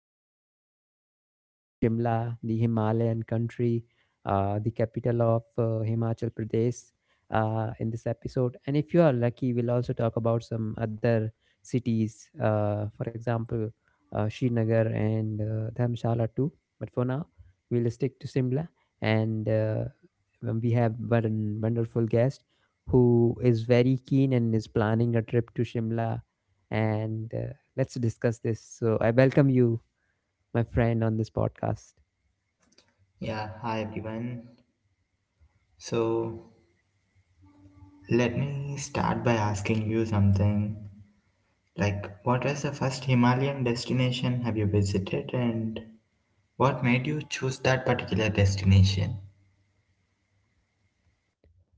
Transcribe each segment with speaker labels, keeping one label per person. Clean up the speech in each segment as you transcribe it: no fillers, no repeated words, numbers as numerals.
Speaker 1: Podcast. We'll be talking about Shimla, the Himalayan country, the capital of Himachal Pradesh. In this episode, and if you are lucky, we'll also talk about some other cities, for example, Srinagar and Dharmshala too. But for now, we'll stick to Simla, and when we have one wonderful guest who is very keen and is planning a trip to Shimla, and let's discuss this. So I welcome you, my friend, on this podcast.
Speaker 2: Yeah, hi everyone. So let me start by asking you something. What was the first Himalayan destination have you visited, and what made you choose that particular destination?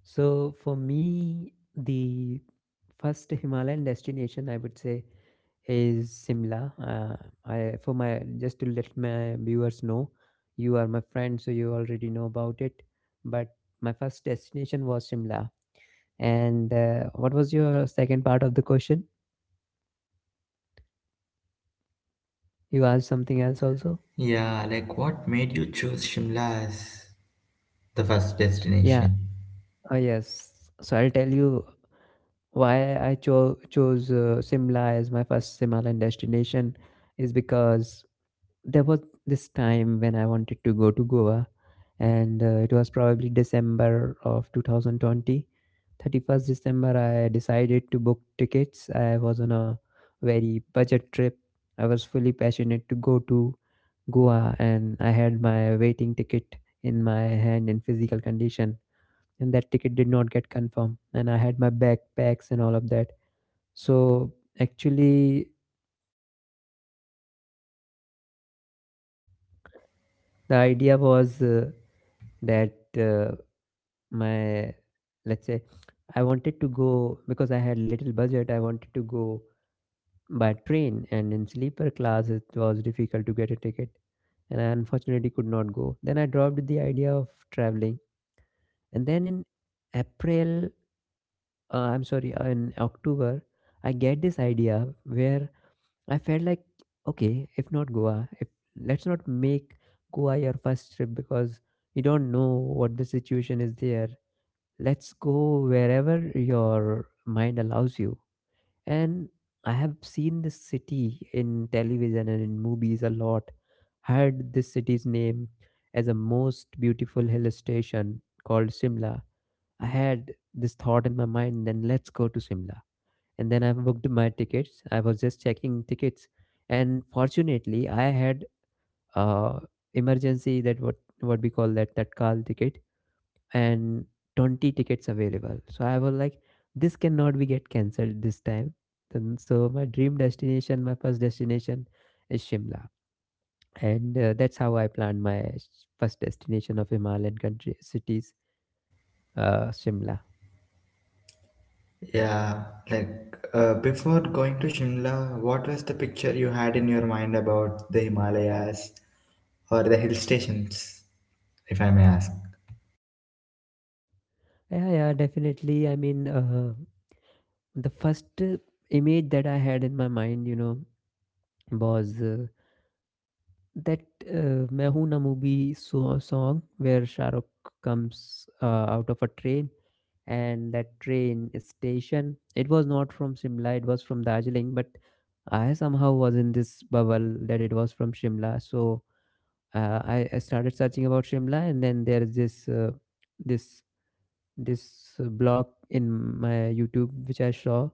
Speaker 1: So for me, the first Himalayan destination I would say is Simla. I for my Just to let my viewers know, you are my friend, so you already know about it. But my first destination was Shimla. And what was your second part of the question? You asked something else also.
Speaker 2: Yeah, like what made you choose Shimla as the first
Speaker 1: Yeah.
Speaker 2: destination?
Speaker 1: Oh yes. So I'll tell you why I chose Simla as my first Himalayan destination is because there was this time when I wanted to go to Goa, and it was probably December of 2020. 31st December, I decided to book tickets. I was on a very budget trip. I was fully passionate to go to Goa, and I had my waiting ticket in my hand in physical condition. And that ticket did not get confirmed, and I had my backpacks and all of that. So, actually, the idea was that. My let's say, I wanted to go because I had little budget. I wanted to go by train, and in sleeper class it was difficult to get a ticket, and I unfortunately could not go. Then I dropped the idea of traveling. And then in April, I'm sorry, in October, I get this idea where I felt like, okay, if not Goa, if let's not make Goa your first trip because you don't know what the situation is there. Let's go wherever your mind allows you. And I have seen this city in television and in movies a lot, heard this city's name as a most beautiful hill station called Simla. I had this thought in my mind. Then let's go to Simla. And then I booked my tickets. I was just checking tickets, and fortunately I had uh emergency, that what we call that tatkal ticket, and 20 tickets available. So I was like, this cannot be get cancelled this time. Then, so my dream destination, my first destination is Shimla. And that's how I planned my first destination of Himalayan country cities, Shimla.
Speaker 2: Yeah, like before going to Shimla, what was the picture you had in your mind about the Himalayas or the hill stations, if I may ask?
Speaker 1: Yeah, yeah, definitely. I mean, the first image that I had in my mind, you know, was that "Main Hoon Na" movie song where Shah Rukh comes out of a train and that train station. It was not from Shimla; it was from Darjeeling. But I somehow was in this bubble that it was from Shimla. So I started searching about Shimla, and then there is this this blog in my YouTube which I saw,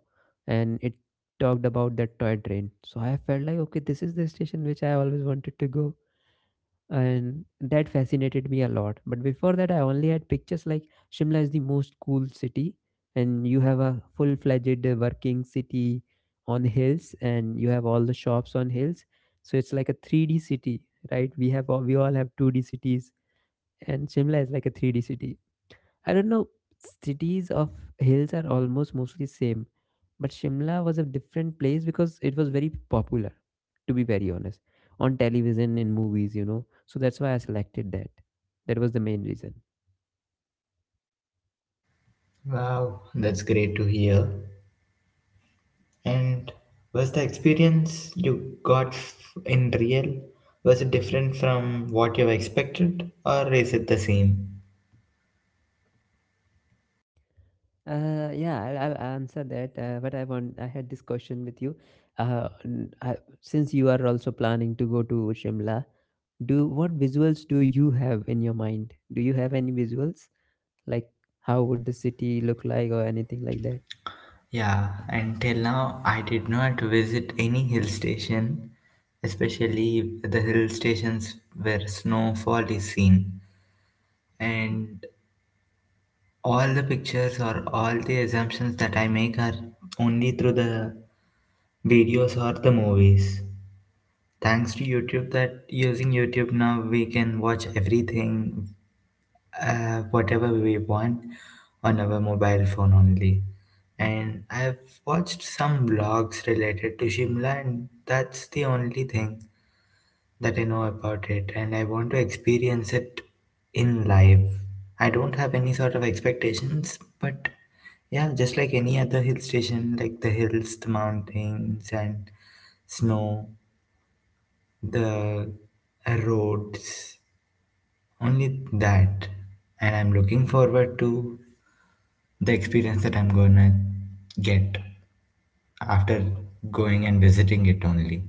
Speaker 1: and it talked about that toy train. So I felt like, okay, this is the station which I always wanted to go, and that fascinated me a lot. But before that, I only had pictures like Shimla is the most cool city, and you have a full fledged working city on hills, and you have all the shops on hills. So it's like a 3D city, right? We all have 2D cities, and Shimla is like a 3D city. I don't know, cities of hills are almost mostly same, but Shimla was a different place because it was very popular, to be very honest, on television and movies, you know. So that's why I selected that. That was the main reason.
Speaker 2: Wow, that's great to hear. And was the experience you got in real was it different from what you expected or is it the same?
Speaker 1: Yeah, I'll answer that. But I had this question with you. Since you are also planning to go to Shimla, do what visuals do you have in your mind? Do you have any visuals like how would the city look like or anything like that?
Speaker 2: Yeah, until now I did not visit any hill station, especially the hill stations where snowfall is seen. And all the pictures or all the assumptions that I make are only through the videos or the movies. Thanks to YouTube that using YouTube now we can watch everything whatever we want on our mobile phone only, and I've watched some vlogs related to Shimla, and that's the only thing that I know about it. And I want to experience it in life. I don't have any sort of expectations, but yeah, just like any other hill station, like the hills, the mountains and snow, the roads, only that. And I'm looking forward to the experience that I'm gonna get after going and visiting it only.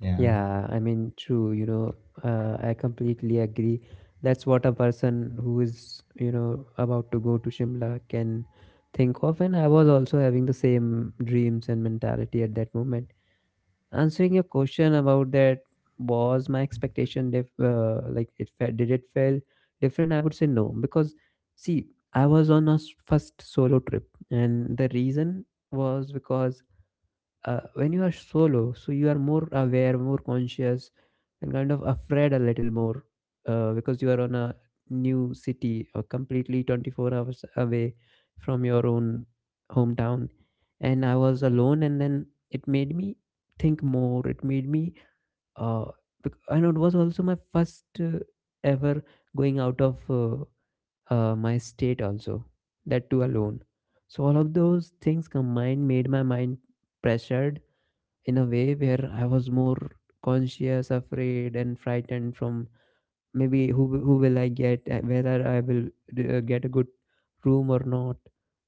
Speaker 2: Yeah.
Speaker 1: Yeah, I mean, true, I completely agree. That's what a person who is about to go to Shimla can think of. And I was also having the same dreams and mentality at that moment. Answering your question about that, was my expectation like did it feel different? I would say no, because, see, I was on a first solo trip, and the reason was because when you are solo, so you are more aware, more conscious, and kind of afraid a little more, because you are on a new city or completely 24 hours away from your own hometown, and I was alone. And then it made me think more. It made me uh, and it was also my first ever going out of my state also, that too alone. So all of those things combined made my mind pressured in a way where I was more conscious, afraid, and frightened from, maybe, who will I get, whether I will get a good room or not.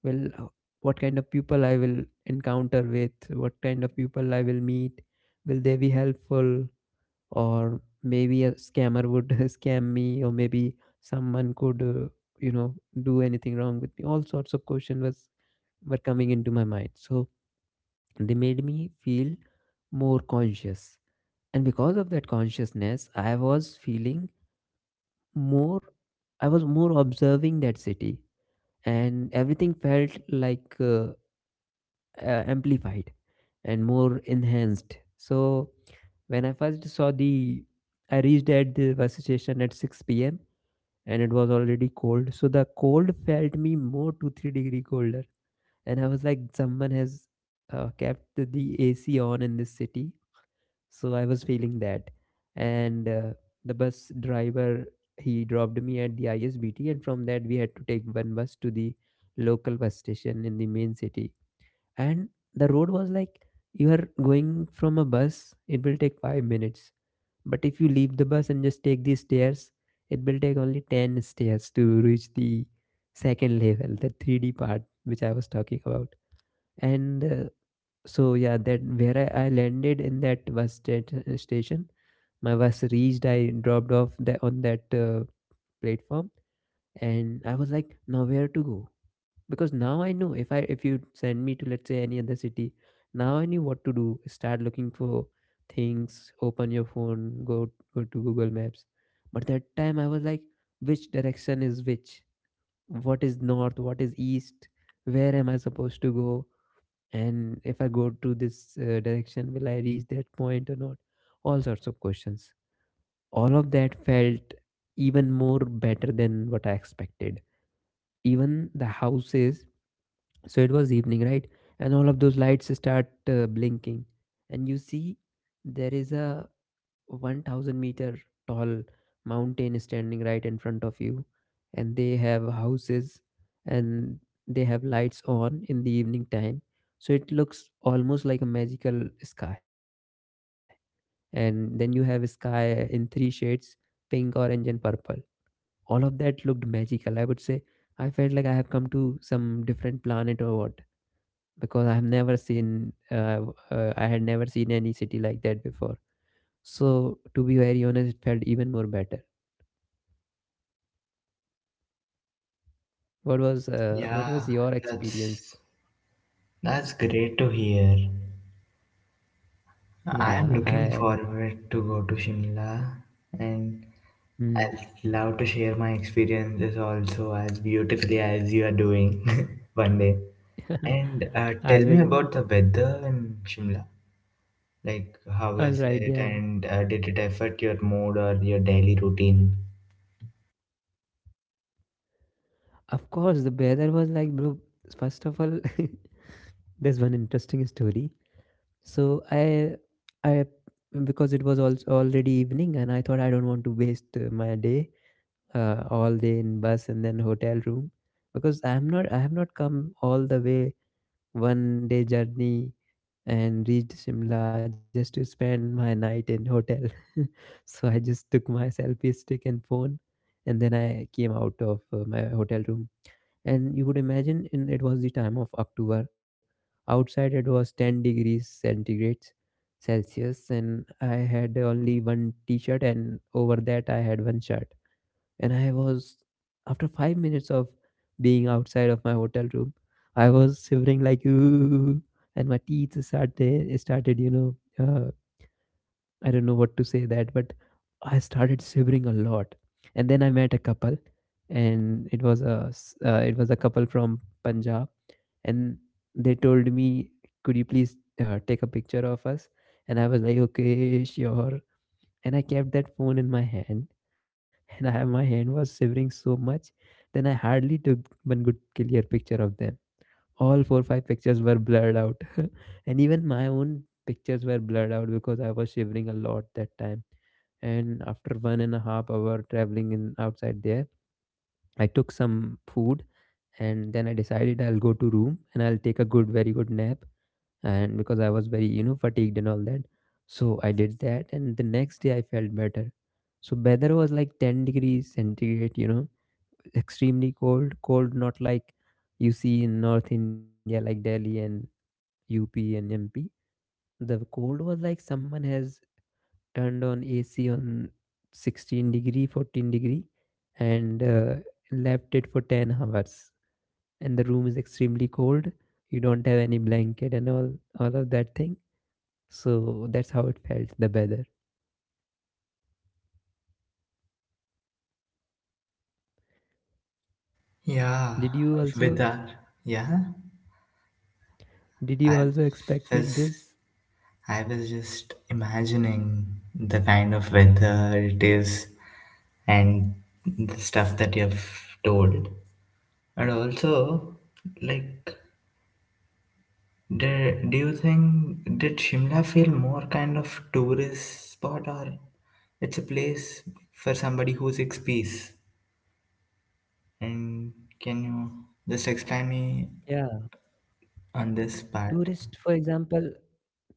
Speaker 1: Well, what kind of people I will encounter with, what kind of people I will meet, will they be helpful, or maybe a scammer would scam me, or maybe someone could you know do anything wrong with me. All sorts of questions was were coming into my mind, so they made me feel more conscious. And because of that consciousness, I was feeling more, I was more observing that city, and everything felt like, amplified and more enhanced. So when I first saw the I reached at the bus station at 6 p.m, and it was already cold, so the cold felt me more 2 3-degree colder. And I was like, someone has kept the AC on in this city, so I was feeling that. And the bus driver, he dropped me at the ISBT, and from that we had to take one bus to the local bus station in the main city. And the road was like, you are going from a bus, it will take 5 minutes. But if you leave the bus and just take these stairs, it will take only 10 stairs to reach the second level, the 3D part which I was talking about. And so yeah, that where I landed in that station. My bus reached, I dropped off that on that platform, and I was like, now where to go? Because now I know, if you send me to, let's say, any other city, now I knew what to do. Start looking for things, open your phone, go go to Google Maps. But that time I was like, which direction is which, what is north, what is east, where am I supposed to go, and if I go to this direction, will I reach that point or not? All sorts of questions. All of that felt even more better than what I expected. Even the houses, so it was evening, right? And all of those lights start blinking, and you see there is a 1,000 meter tall mountain standing right in front of you, and they have houses, and they have lights on in the evening time, so it looks almost like a magical sky. And then you have a sky in three shades: pink, orange, and purple. All of that looked magical. I would say, I felt like I have come to some different planet, or what, because I had never seen any city like that before. So to be very honest, it felt even more better. What
Speaker 2: yeah
Speaker 1: was your experience?
Speaker 2: that's that's great to hear. I am
Speaker 1: Yeah,
Speaker 2: looking
Speaker 1: I
Speaker 2: forward to go to Shimla. And
Speaker 1: hmm.
Speaker 2: I'd love to share my experiences also as beautifully as you are doing one day. And
Speaker 1: I
Speaker 2: tell me
Speaker 1: will.
Speaker 2: about the weather in Shimla. Like, how
Speaker 1: All
Speaker 2: is
Speaker 1: right,
Speaker 2: it,
Speaker 1: yeah.
Speaker 2: and did it affect your mood or your daily routine?
Speaker 1: Of course, the weather was like, bro. First of all, there's one interesting story. So I, because it was also already evening, and I thought I don't want to waste my day, all day in bus and then hotel room, because I have not come all the way one day journey and reached Shimla just to spend my night in hotel. So I just took my selfie stick and phone, and then I came out of my hotel room. And you could imagine, in it was the time of October, outside it was 10 degrees centigrade Celsius, and I had only one t-shirt and over that I one shirt. And I was, after 5 minutes of being outside of my hotel room, I was shivering like, ooh. And my teeth started uh, I don't know what to say that, but I started shivering a lot. And then I met a couple, and it was a couple from Punjab, and they told me, "Could you please take a picture of us?" And I was like, "Okay, sure." And I kept that phone in my hand, and I my hand was shivering so much, then I hardly took one good clear picture of them. All 4 5 pictures were blurred out. And even my own pictures were blurred out because I was shivering a lot that time. And after 1.5 hour traveling in outside there, I took some food, and then I decided I'll go to room and I'll take a good very good nap, and because I was very fatigued and all that. So I did that, and the next day I felt better. So weather was like 10 degrees centigrade, you know, extremely cold. Cold, not like you see in north India like Delhi and UP and MP. The cold was like someone has turned on AC on 16 degree, 14 degree, and left it for 10 hours. And the room is extremely cold. You don't have any blanket and all of that thing. So that's how it felt, the weather.
Speaker 2: Yeah,
Speaker 1: Did you also
Speaker 2: Vidar. Yeah,
Speaker 1: did you
Speaker 2: I
Speaker 1: also expected
Speaker 2: was
Speaker 1: this?
Speaker 2: I was just imagining the kind of weather it is and the stuff that you've told. And also, like, do you think did Shimla feel more kind of tourist spot or it's a place for somebody who seeks peace? And can you just explain me
Speaker 1: Yeah.
Speaker 2: on this part?
Speaker 1: Tourists, for example,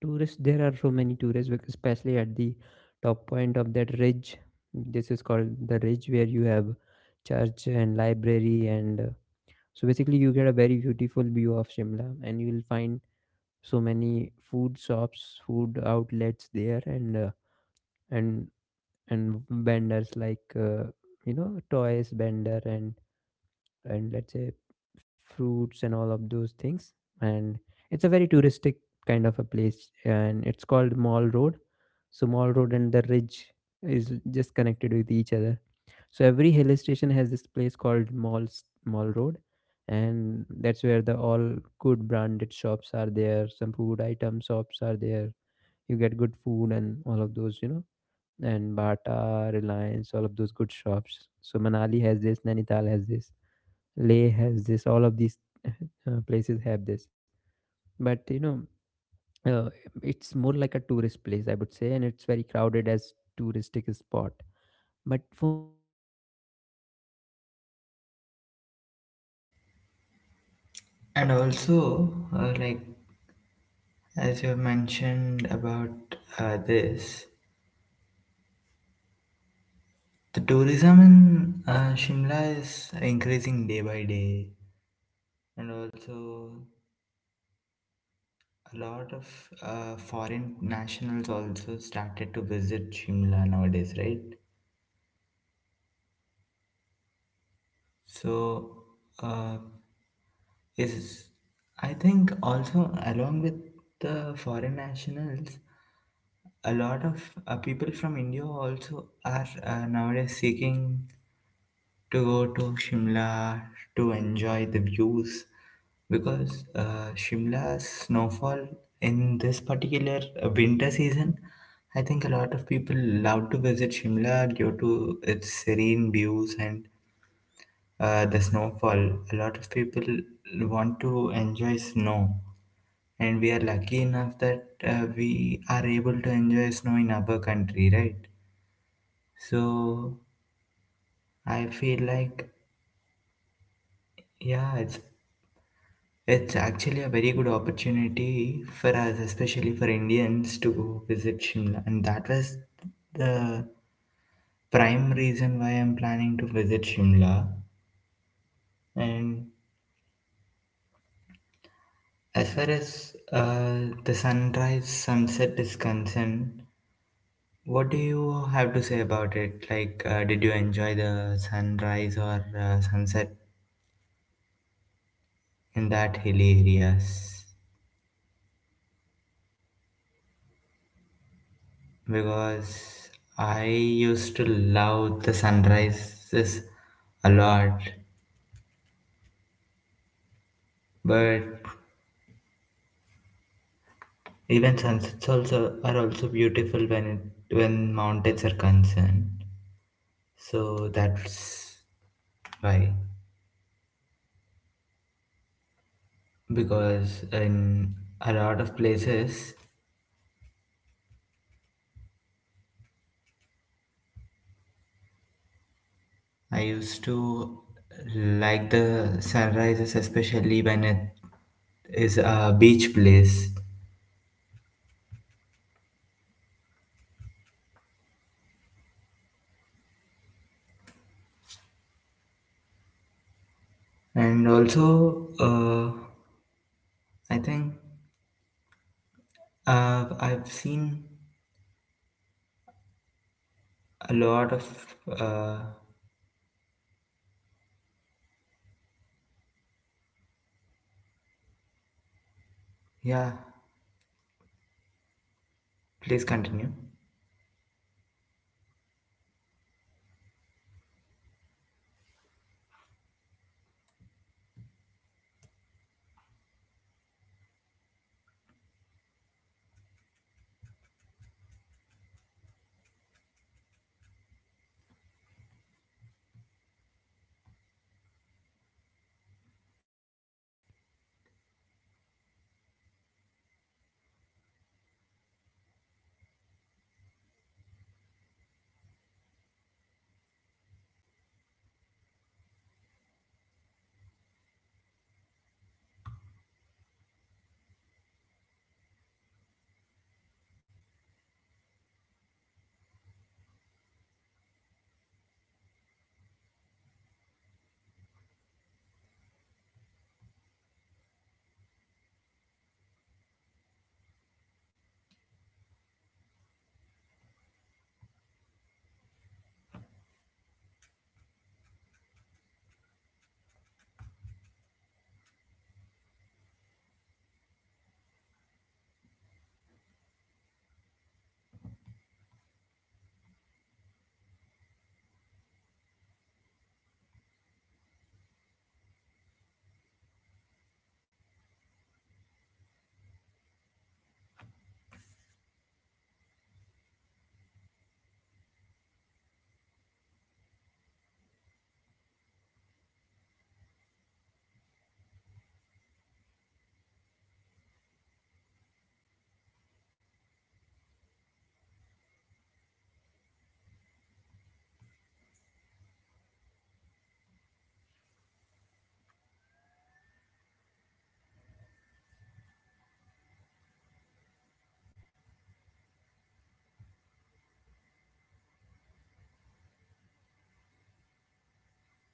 Speaker 1: tourists, there are so many tourists especially at the top point of that ridge. This is called the ridge, where you have church and library, and so basically you get a very beautiful view of Shimla, and you will find so many food shops, food outlets there, and and and vendors like, you know, toys vendor, and let's say fruits and all of those things. And it's a very touristic kind of a place, and it's called Mall Road. So Mall Road and the ridge is just connected with each other. So every hill station has this place called Mall road, and that's where the all good branded shops are there, some food item shops are there. You get good food and all of those, you know, and Bata, Reliance, all of those good shops. So Manali has, Nainital has this, Leh has this, all of these places have this. But you know, uh, it's more like a tourist place, I would say, and it's very crowded as touristic spot. But for me, I didn't really felt I because I felt all of those people were either from Punjab or from
Speaker 2: And
Speaker 1: Himachal itself,
Speaker 2: also,
Speaker 1: local
Speaker 2: uh,
Speaker 1: people.
Speaker 2: like as you
Speaker 1: Hmm.
Speaker 2: mentioned about uh, this,
Speaker 1: About what?
Speaker 2: the tourism in Shimla is increasing day by day, and also
Speaker 1: Yes.
Speaker 2: a lot of foreign nationals also started to visit Shimla nowadays, right?
Speaker 1: Oh, really? I mean, yeah, that time
Speaker 2: So,
Speaker 1: were they
Speaker 2: uh,
Speaker 1: were because of COVID era. It was.
Speaker 2: yes, yes. I think also along with the foreign nationals, a lot of people from India also are nowadays seeking to go to Shimla to enjoy the views because Shimla's snowfall in this particular winter season, I think a lot of people
Speaker 1: Hmm.
Speaker 2: love to visit Shimla due to its serene views and the snowfall. A lot of people want to enjoy snow, and we are lucky enough
Speaker 1: Yes.
Speaker 2: that we are able to enjoy snow in our country, right? So
Speaker 1: Yeah. Very true.
Speaker 2: I feel like, yeah, it's actually a very good opportunity for us, especially for Indians, to visit Shimla. And that was the prime reason why I'm planning to visit Shimla. And
Speaker 1: Hmm.
Speaker 2: as far as
Speaker 1: Definitely.
Speaker 2: the sunrise sunset is concerned, what do you
Speaker 1: Hmm.
Speaker 2: have to say about it? Like, did you enjoy the sunrise or sunset in that hilly
Speaker 1: So,
Speaker 2: areas?
Speaker 1: so talking about sunrise and sunset, you know, as you just
Speaker 2: Because
Speaker 1: mentioned,
Speaker 2: I used to love the sunrises a lot, but
Speaker 1: yeah,
Speaker 2: even sunsets also are also beautiful when when mountains are concerned. So
Speaker 1: mm-hmm.
Speaker 2: that's why
Speaker 1: Yeah. Actually, I'll tell you one thing, you know,
Speaker 2: because in a lot of places
Speaker 1: mm-hmm. Yeah,
Speaker 2: I used to like the sunrises, especially when it is a beach place.
Speaker 1: I also like these places, you know, not just you. Uh, but I think
Speaker 2: And also,
Speaker 1: I I would say
Speaker 2: I think I've seen
Speaker 1: what.
Speaker 2: a lot of, uh,
Speaker 1: So you say mentioned about that that weather
Speaker 2: yeah,
Speaker 1: thing, na? That so weather
Speaker 2: please
Speaker 1: is like,
Speaker 2: continue.
Speaker 1: I would say. Yeah. So the weather is I would say, is like once you see clouds and then you see, I would say, sunny days also, right? And as much as it is touristic, it's also for people like who who seem uh, who seem like, you know, hobby kind of people. So for them also, you know, it symbolizes a very nice destination. You get so many offbeat places, uh, and talking about, I would say whether I have found it nice or not, I really loved that vibe. The sunrise was very special for me the first day. Uh, because I was very tired the last night, and when I woke up, uh, first thing was I that I saw was sunrise, and when I saw sunrise, I was kind of, you know, feeling that the sun took little longer to rise, and same goes with sunset. But sunset has, uh, sunset has this three shades of thing which are blue, purple, and red, and sometimes orange too, and that looks magical. Uh, I can't You know, describe that, but uh, that sunset is a whole vibe, you know, and those trees which are like green, they are the most magical part of that, all that, you know, I would say, what to say, that that thing, you know, uh, trees and those other segments also, they all felt so magical, that I can't describe you, you know. I really liked all of them because of the fact that Shimla has them, and they are called the Devdar trees. I don't know whether you know them or not, but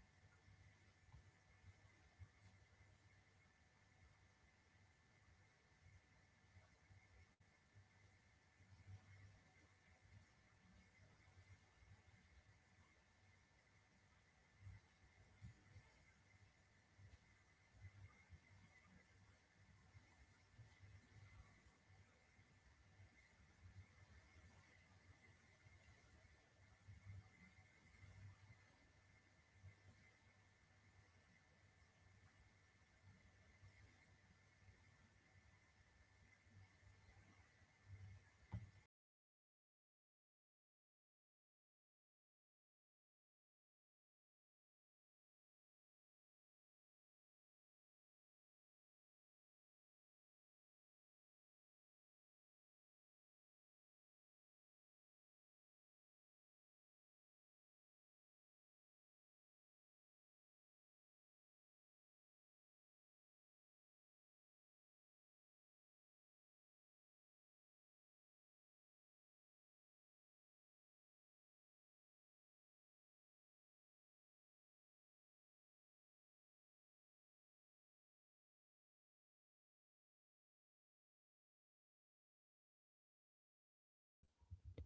Speaker 1: they are the most popular trees of the of the.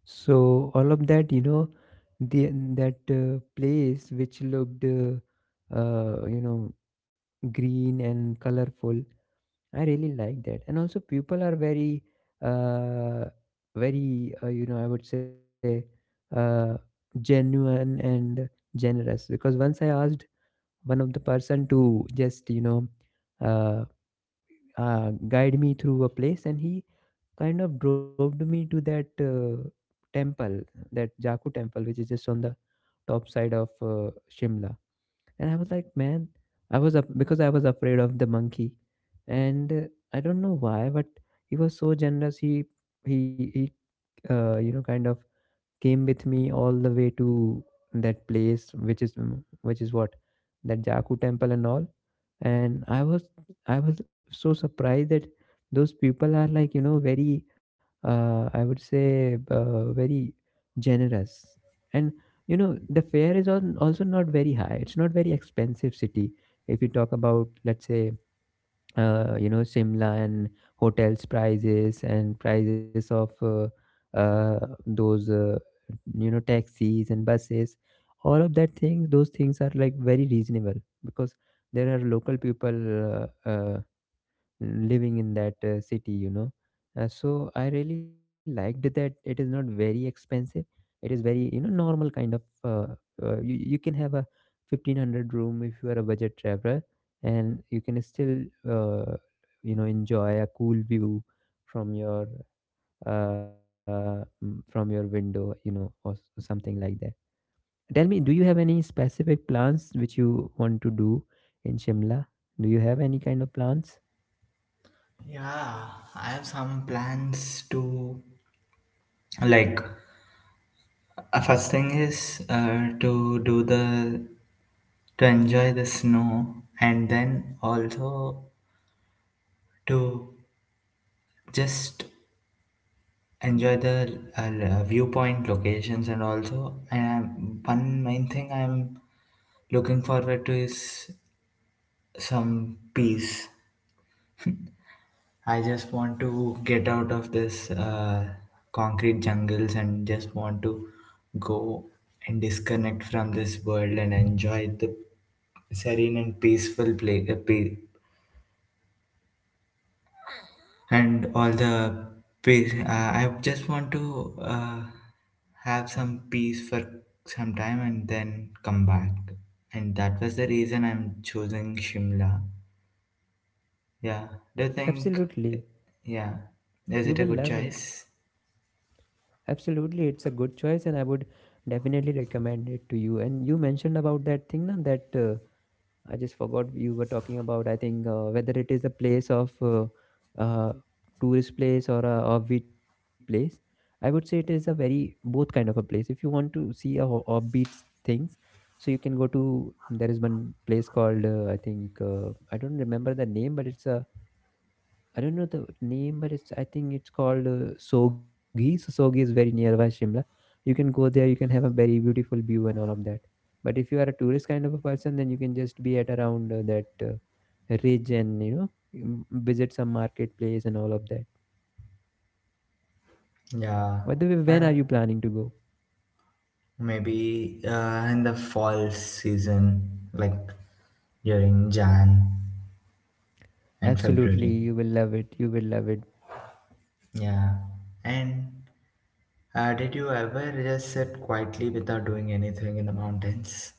Speaker 1: So all of that, you know, the that place which looked, you know, green and colorful. I really like that, and also people are very, uh, very, you know, I would say, uh, genuine and generous. Because once I asked one of the person to, you know, uh, guide me through a place, and he kind of dropped me to that temple, that Jaku temple, which is just on the top side of Shimla. And I was like, man, I was up because I was afraid of the monkey, and I don't know why, but he was so generous. He you know, kind of came with me all the way to that place which is what, that Jaku temple and all. And I was, I was so surprised that those people are like, you know, very, I would say, very generous. And you know, the fare is on also not very high. It's not very expensive city. If you talk about, let's say, you know, Shimla and hotels prices and prices of uh, those, you know, taxis and buses, all of things, those things are like very reasonable, because there are local people living in that city, you know. So I really liked that. It is not very expensive. It is very, you know, normal kind of, uh, you, you can have a 1500 room if you are a budget traveler, and you can still uh, you know, enjoy a cool view from your from your window, you know, or something like that. Tell me, do you have any specific plans which you want to do in Shimla? Do you have any kind of plans?
Speaker 2: Yeah, I have some plans to, like, first thing is to do the to enjoy the snow, and then also to just enjoy the viewpoint locations, and also and one main thing I'm looking forward to is some peace. I just want to get out of this concrete jungles and just want to go and disconnect from this world and enjoy the serene and peaceful and all the peace. I just want to have some peace for some time and then come back. And that was the reason I'm choosing Shimla. Yeah. Do you think?
Speaker 1: Absolutely.
Speaker 2: Yeah. Is
Speaker 1: You
Speaker 2: it a
Speaker 1: will
Speaker 2: good
Speaker 1: love it.
Speaker 2: choice?
Speaker 1: Absolutely, it's a good choice, and I would definitely recommend it to you. And you mentioned about that thing, na, that I just forgot you were talking about. I think whether it is a place of uh, tourist place or a offbeat place, I would say it is a very both kind of a place. If you want to see a offbeat things, so you can go to, there is one place called, I think, I don't remember the name, but it's a, I don't know the name, but it's, I think it's called Sogi. So Sogi is very nearby Shimla. You can go there. You can have a very beautiful view and all of that. But if you are a tourist kind of a person, then you can just be at around that ridge, and you know, visit some marketplace and all of that. By the way, when
Speaker 2: Yeah,
Speaker 1: are you planning to
Speaker 2: and
Speaker 1: go?
Speaker 2: maybe in the fall season, like during Jan and
Speaker 1: Absolutely,
Speaker 2: February.
Speaker 1: you will love it. You will love it.
Speaker 2: Yeah, and did you ever just sit quietly without doing anything in the mountains?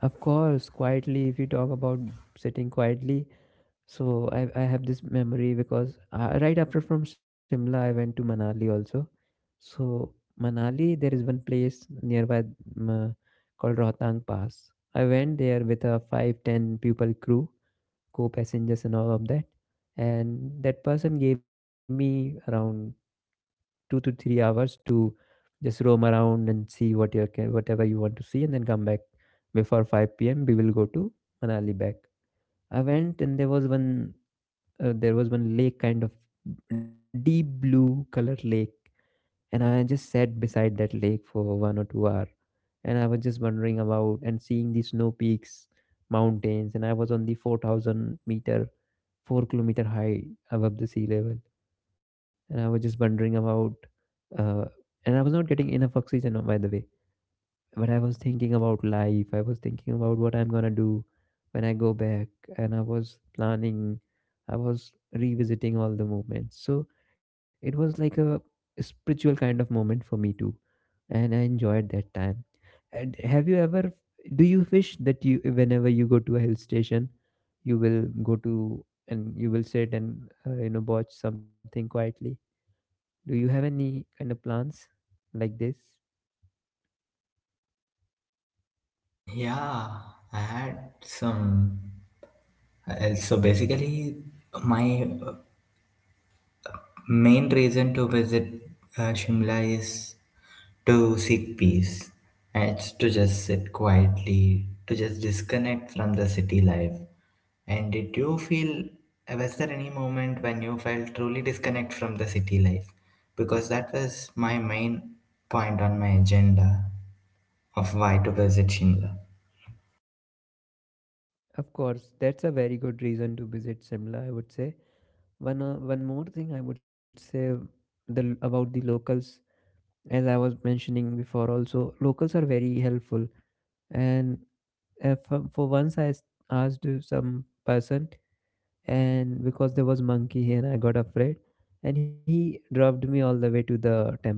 Speaker 1: Of course, quietly. If you talk about sitting quietly, so I have this memory because right after from Shimla, I went to Manali also. So, Manali, there is one place nearby, mm, uh, called Rohtang Pass. I went there with a 5 10 people crew, co passengers, and all of that. And that person gave me around 2 to 3 hours to just roam around and see what you can, whatever you want to see, and then come back before 5 p.m. We will go to Manali back. I went, and there was one lake kind of deep blue color lake, and I just sat beside that lake for 1 or 2 hours. And I was just wondering about and seeing the snow peaks, mountains, and I was on the 4,000 meter, 4-kilometer high above the sea level. And I was just wondering about, uh, and I was not getting enough oxygen, by the way. But I was thinking about life. I was thinking about what I'm gonna do when I go back. And I was planning, I was revisiting all the moments. So it was like a spiritual kind of moment for me too, and I enjoyed that time. And have you ever, do you wish that you, whenever you go to a hill station, you will go to and you will sit and, watch something quietly? Do you have any kind of plans like this?
Speaker 2: Yeah, I had some. So basically, my main reason to visit Shimla is to seek peace. And it's to just sit quietly, to just disconnect from the city life. And did you feel, was there any moment when you felt truly disconnect from the city life? Because that was my main point on my agenda of why to visit Shimla.
Speaker 1: Of course, that's a very good reason to visit Shimla, I would say. One more thing I would say, about the locals, as I was mentioning before, also, locals are very helpful. And for once, asked some person, and because there was monkey here I got afraid, and he dropped me all the way to the temple.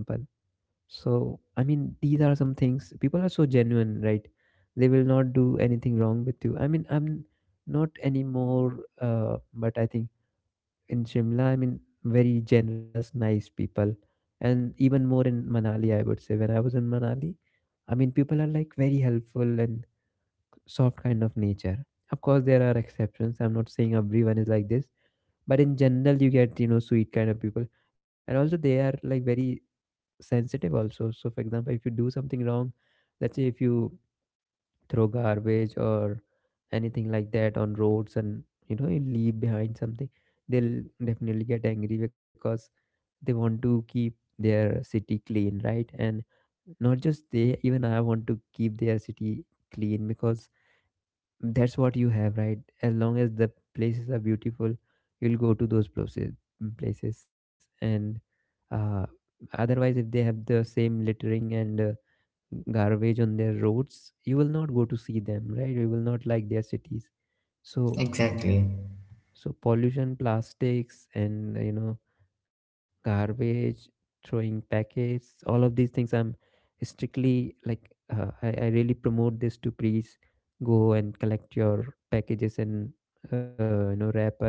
Speaker 1: So I mean, these are some things, people are so genuine, right? They will not do anything wrong with you. I mean, I'm not anymore. But I think in Shimla, I mean, very generous, nice people. And even more in Manali, I would say. When I was in Manali, I mean, people are like very helpful and soft kind of nature. Of course there are exceptions, I'm not saying everyone is like this, but in general you get, sweet kind of people. And also, they are like very sensitive also. So for example, if you do something wrong, let's say if you throw garbage or anything like that on roads, and you leave behind something, they'll definitely get angry because they want to keep their city clean, right? And not just they, even I want to keep their city clean, because that's what you have, right? As long as the places are beautiful, you'll go to those places, and uh, otherwise if they have the same littering and, garbage on their roads, you will not go to see them, right? You will not like their cities. so
Speaker 2: Exactly.
Speaker 1: so pollution, plastics, and, garbage, throwing packets, all of these things, I'm strictly like, I really promote this to please go and collect your packages and, wrap us,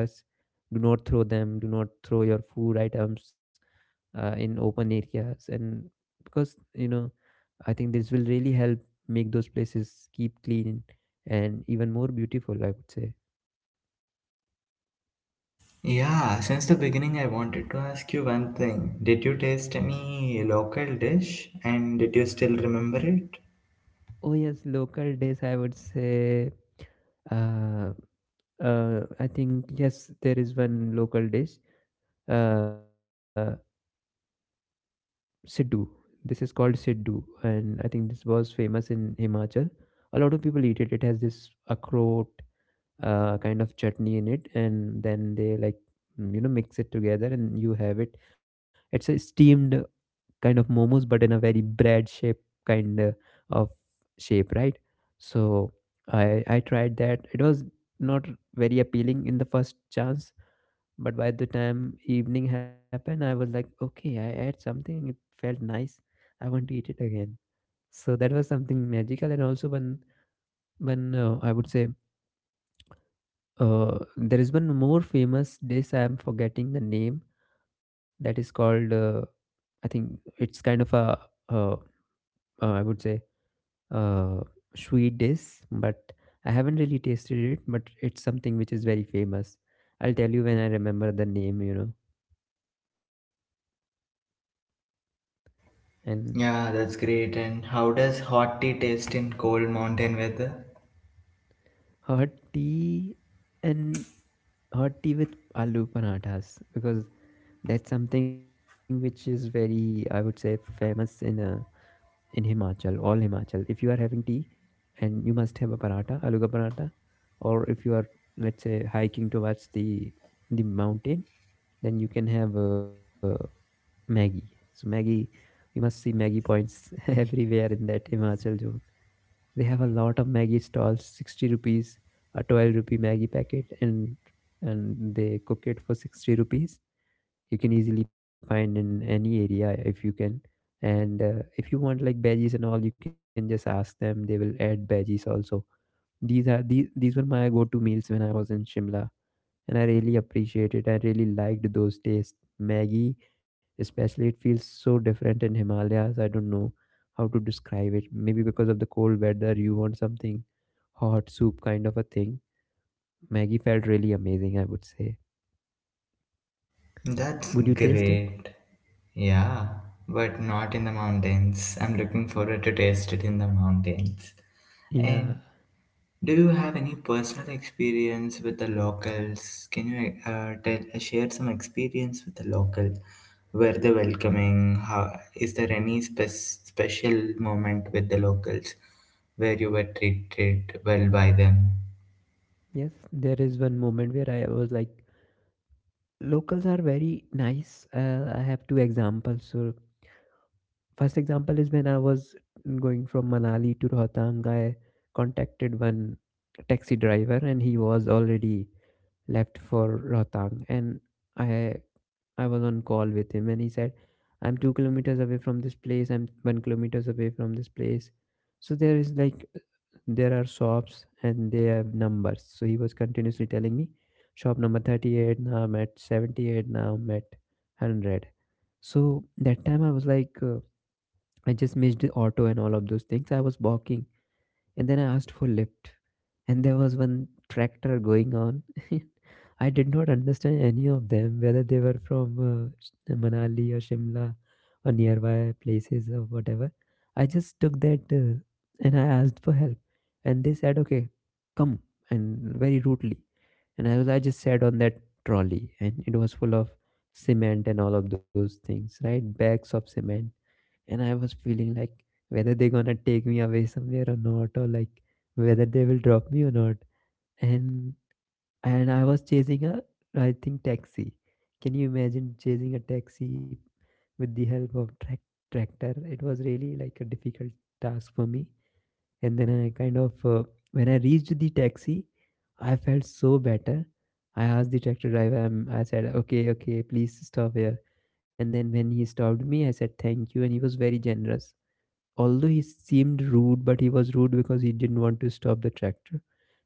Speaker 1: do not throw them, do not throw your food items in open areas, and because I think this will really help make those places keep clean and even more beautiful, I would say.
Speaker 2: Yeah, since the beginning, I wanted to ask you one thing. Did you taste any local dish and did you still remember it?
Speaker 1: Oh yes, local days I would say. uh, I think yes, there is one local dish, uh, Siddu. This is called Siddu, and I think this was famous in Himachal. A lot of people eat it. It has this akhroat, kind of chutney in it, and then they like, mix it together, and you have it. It's a steamed kind of momos, but in a very bread of shape, right? So I tried that. It was not very appealing in the first chance. But by the time evening happened, I was like, okay, I ate something. It felt nice. I want to eat it again. So that was something magical. And also, one, one I would say, there is one more famous dish. I'm forgetting the name. That is called, I think it's kind of a, uh, I would say, uh, sweet dish. But I haven't really tasted it. But it's something which is very famous. I'll tell you when I remember the name. You know, and
Speaker 2: Yeah, that's great. And how does hot tea taste in cold mountain weather?
Speaker 1: Hot tea and hot tea with aloo parathas, because that's something which is very, I would say, famous in Himachal, all Himachal. If you are having tea, and you must have a paratha, aloo ka paratha. Or if you are, let's say, hiking towards the mountain, then you can have, Maggie. So Maggie, you must see Maggie points everywhere in that Himachal zone. They have a lot of Maggie stalls, 60 rupees, a 12 rupee Maggie packet, and they cook it for 60 rupees. You can easily find in any area if you can. And, if you want like veggies and all, you can just ask them. They will add veggies also. These are these were my go-to meals when I was in Shimla, and I really appreciate it. I really liked those tastes. Maggie, especially, it feels so different in Himalayas. I don't know how to describe it. Maybe because of the cold weather, you want something hot soup kind of a thing. Maggie felt really amazing, I would say.
Speaker 2: That's
Speaker 1: Would you taste it?
Speaker 2: great. Yeah, but not in the mountains. I'm looking forward to taste it in the mountains. And
Speaker 1: Yeah.
Speaker 2: do you have any personal experience with the locals? Can you share some experience with the local? Were they welcoming? How, is there any special moment with the locals where you were treated well by them?
Speaker 1: Yes, there is one moment where I was like, locals are very nice. I have two examples. So, first example is when I was going from Manali to Rohtang. I contacted one taxi driver, and he was already left for Rohtang, and I I was on call with him, and he said, I'm 2 kilometers away from this place, I'm 1 kilometers away from this place. So there is like there are shops and they have numbers. So he was continuously telling me, shop number 38, now I'm at 78, now I'm at 100. So that time I was like, I just missed the auto and all of those things. I was walking and then I asked for lift. And there was one tractor going on. I did not understand any of them, whether they were from, Manali or Shimla or nearby places or whatever. I just took that, and I asked for help. And they said, okay, come. And very rudely. And I just sat on that trolley, and it was full of cement and all of those things, right? Bags of cement, and I was feeling like whether they're gonna take me away somewhere or not, or like whether they will drop me or not. And and I was chasing a, I think, taxi. Can you imagine chasing a taxi with the help of track tractor? It was really like a difficult task for me. And then I kind of when I reached the taxi, I felt so better. I asked the tractor driver. I said, "Okay, okay, please stop here." And then when he stopped me, I said, "Thank you," and he was very generous, although he seemed rude. But he was rude because he didn't want to stop the tractor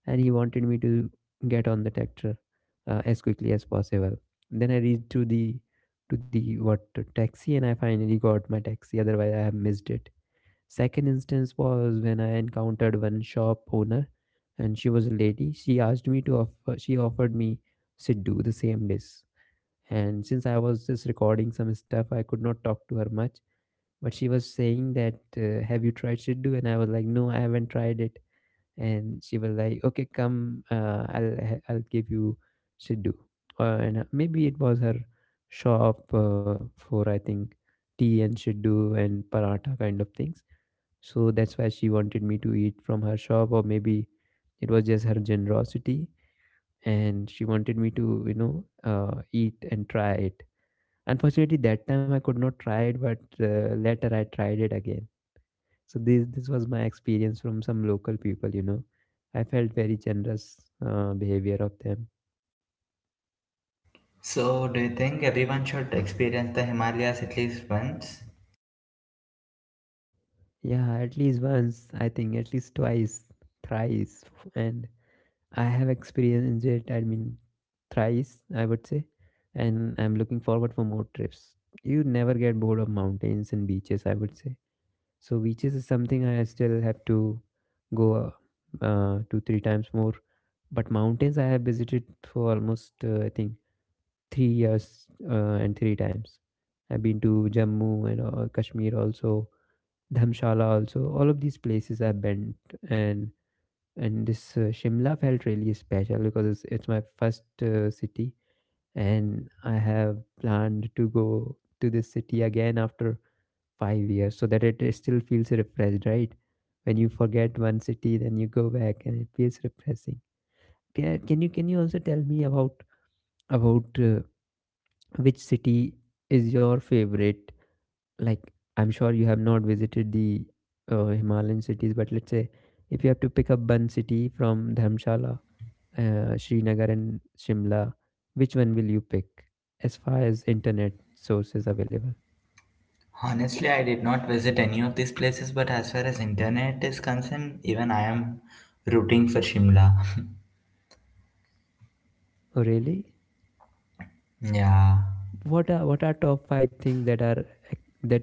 Speaker 1: and he wanted me to get on the tractor as quickly as possible. Then I reached to the what taxi, and I finally got my taxi. Otherwise, I have missed it. Second instance was when I encountered one shop owner, and she was a lady. She asked me to offer. She offered me Siddu, the same dish. And since I was just recording some stuff, I could not talk to her much, but she was saying that, have you tried siddu? And I was like, no, I haven't tried it. And she was like, okay, come, I'll you siddu. And, maybe it was her shop, uh, for I think tea and siddu and paratha kind of things. So that's why she wanted me to eat from her shop, or maybe it was just her generosity, and she wanted me to, uh, eat and try it. Unfortunately, that time I could not try it, but later I tried it again. So this was my experience from some local people. I felt very generous, behavior of them.
Speaker 2: So, do you think everyone should experience the Himalayas at least once?
Speaker 1: Yeah, at least once, I think, at least twice, thrice. And I have experienced it, I mean, thrice, I would say. And I'm looking forward for more trips. You never get bored of mountains and beaches, I would say. So beaches is something I still have to go, two three times more. But mountains I have visited for almost, I think, 3 years, and 3 times. I've been to Jammu and, Kashmir also, Dhamshala also. All of these places I've been. And and this, Shimla, felt really special because it's my first, city, and I have planned to go to this city again after 5 years so that it still feels refreshed, right? When you forget one city, then you go back and it feels refreshing. Can you also tell me about, about uh, which city is your favorite? Like, I'm sure you have not visited the, Himalayan cities, but let's say if you have to pick up one city from Dharmshala, Srinagar, and Shimla, which one will you pick, as far as internet sources available?
Speaker 2: Honestly, I did not visit any of these places, but as far as internet is concerned, even I am rooting for Shimla.
Speaker 1: Oh, really?
Speaker 2: Yeah.
Speaker 1: What are top five things that are that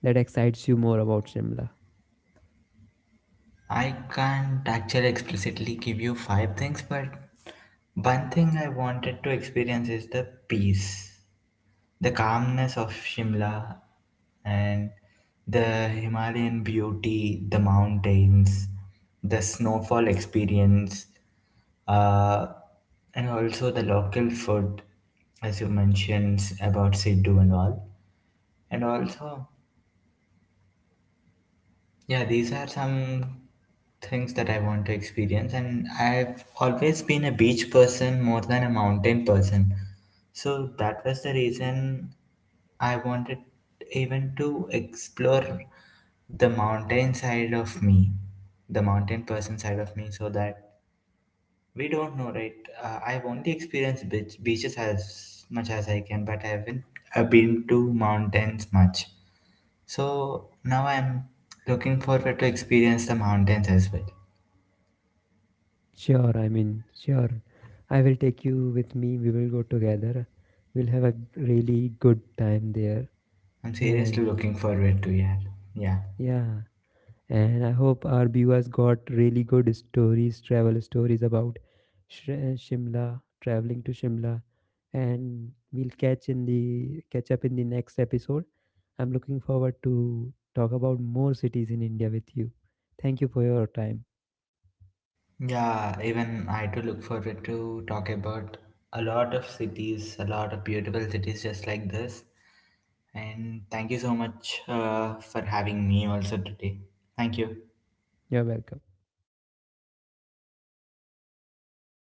Speaker 1: that excites you more about Shimla?
Speaker 2: I can't actually explicitly give you five things, but one thing I wanted to experience is the peace, the calmness of Shimla, and the Himalayan beauty, the mountains, the snowfall experience, uh, and also the local food, as you mentioned about Siddu and all. And also, yeah, these are some things that I want to experience, and I've always been a beach person more than a mountain person. So that was the reason I wanted even to explore the mountain side of me, the mountain person side of me, so that we don't know, right? I've only experienced beaches as much as I can, but I haven't been to mountains much. So now I'm looking forward to experience the mountains as well.
Speaker 1: Sure, I mean, sure. I will take you with me. We will go together. We'll have a really good time there.
Speaker 2: I'm seriously
Speaker 1: And
Speaker 2: looking forward to, yeah. Yeah.
Speaker 1: yeah, and I hope our viewers got really good stories, travel stories about, Shimla, traveling to Shimla, and we'll catch up in the next episode. I'm looking forward to talk about more cities in India with you. Thank you for your time.
Speaker 2: Yeah, even I too look forward to talk about a lot of cities, a lot of beautiful cities just like this. And thank you so much for having me also today. Thank you.
Speaker 1: You're welcome.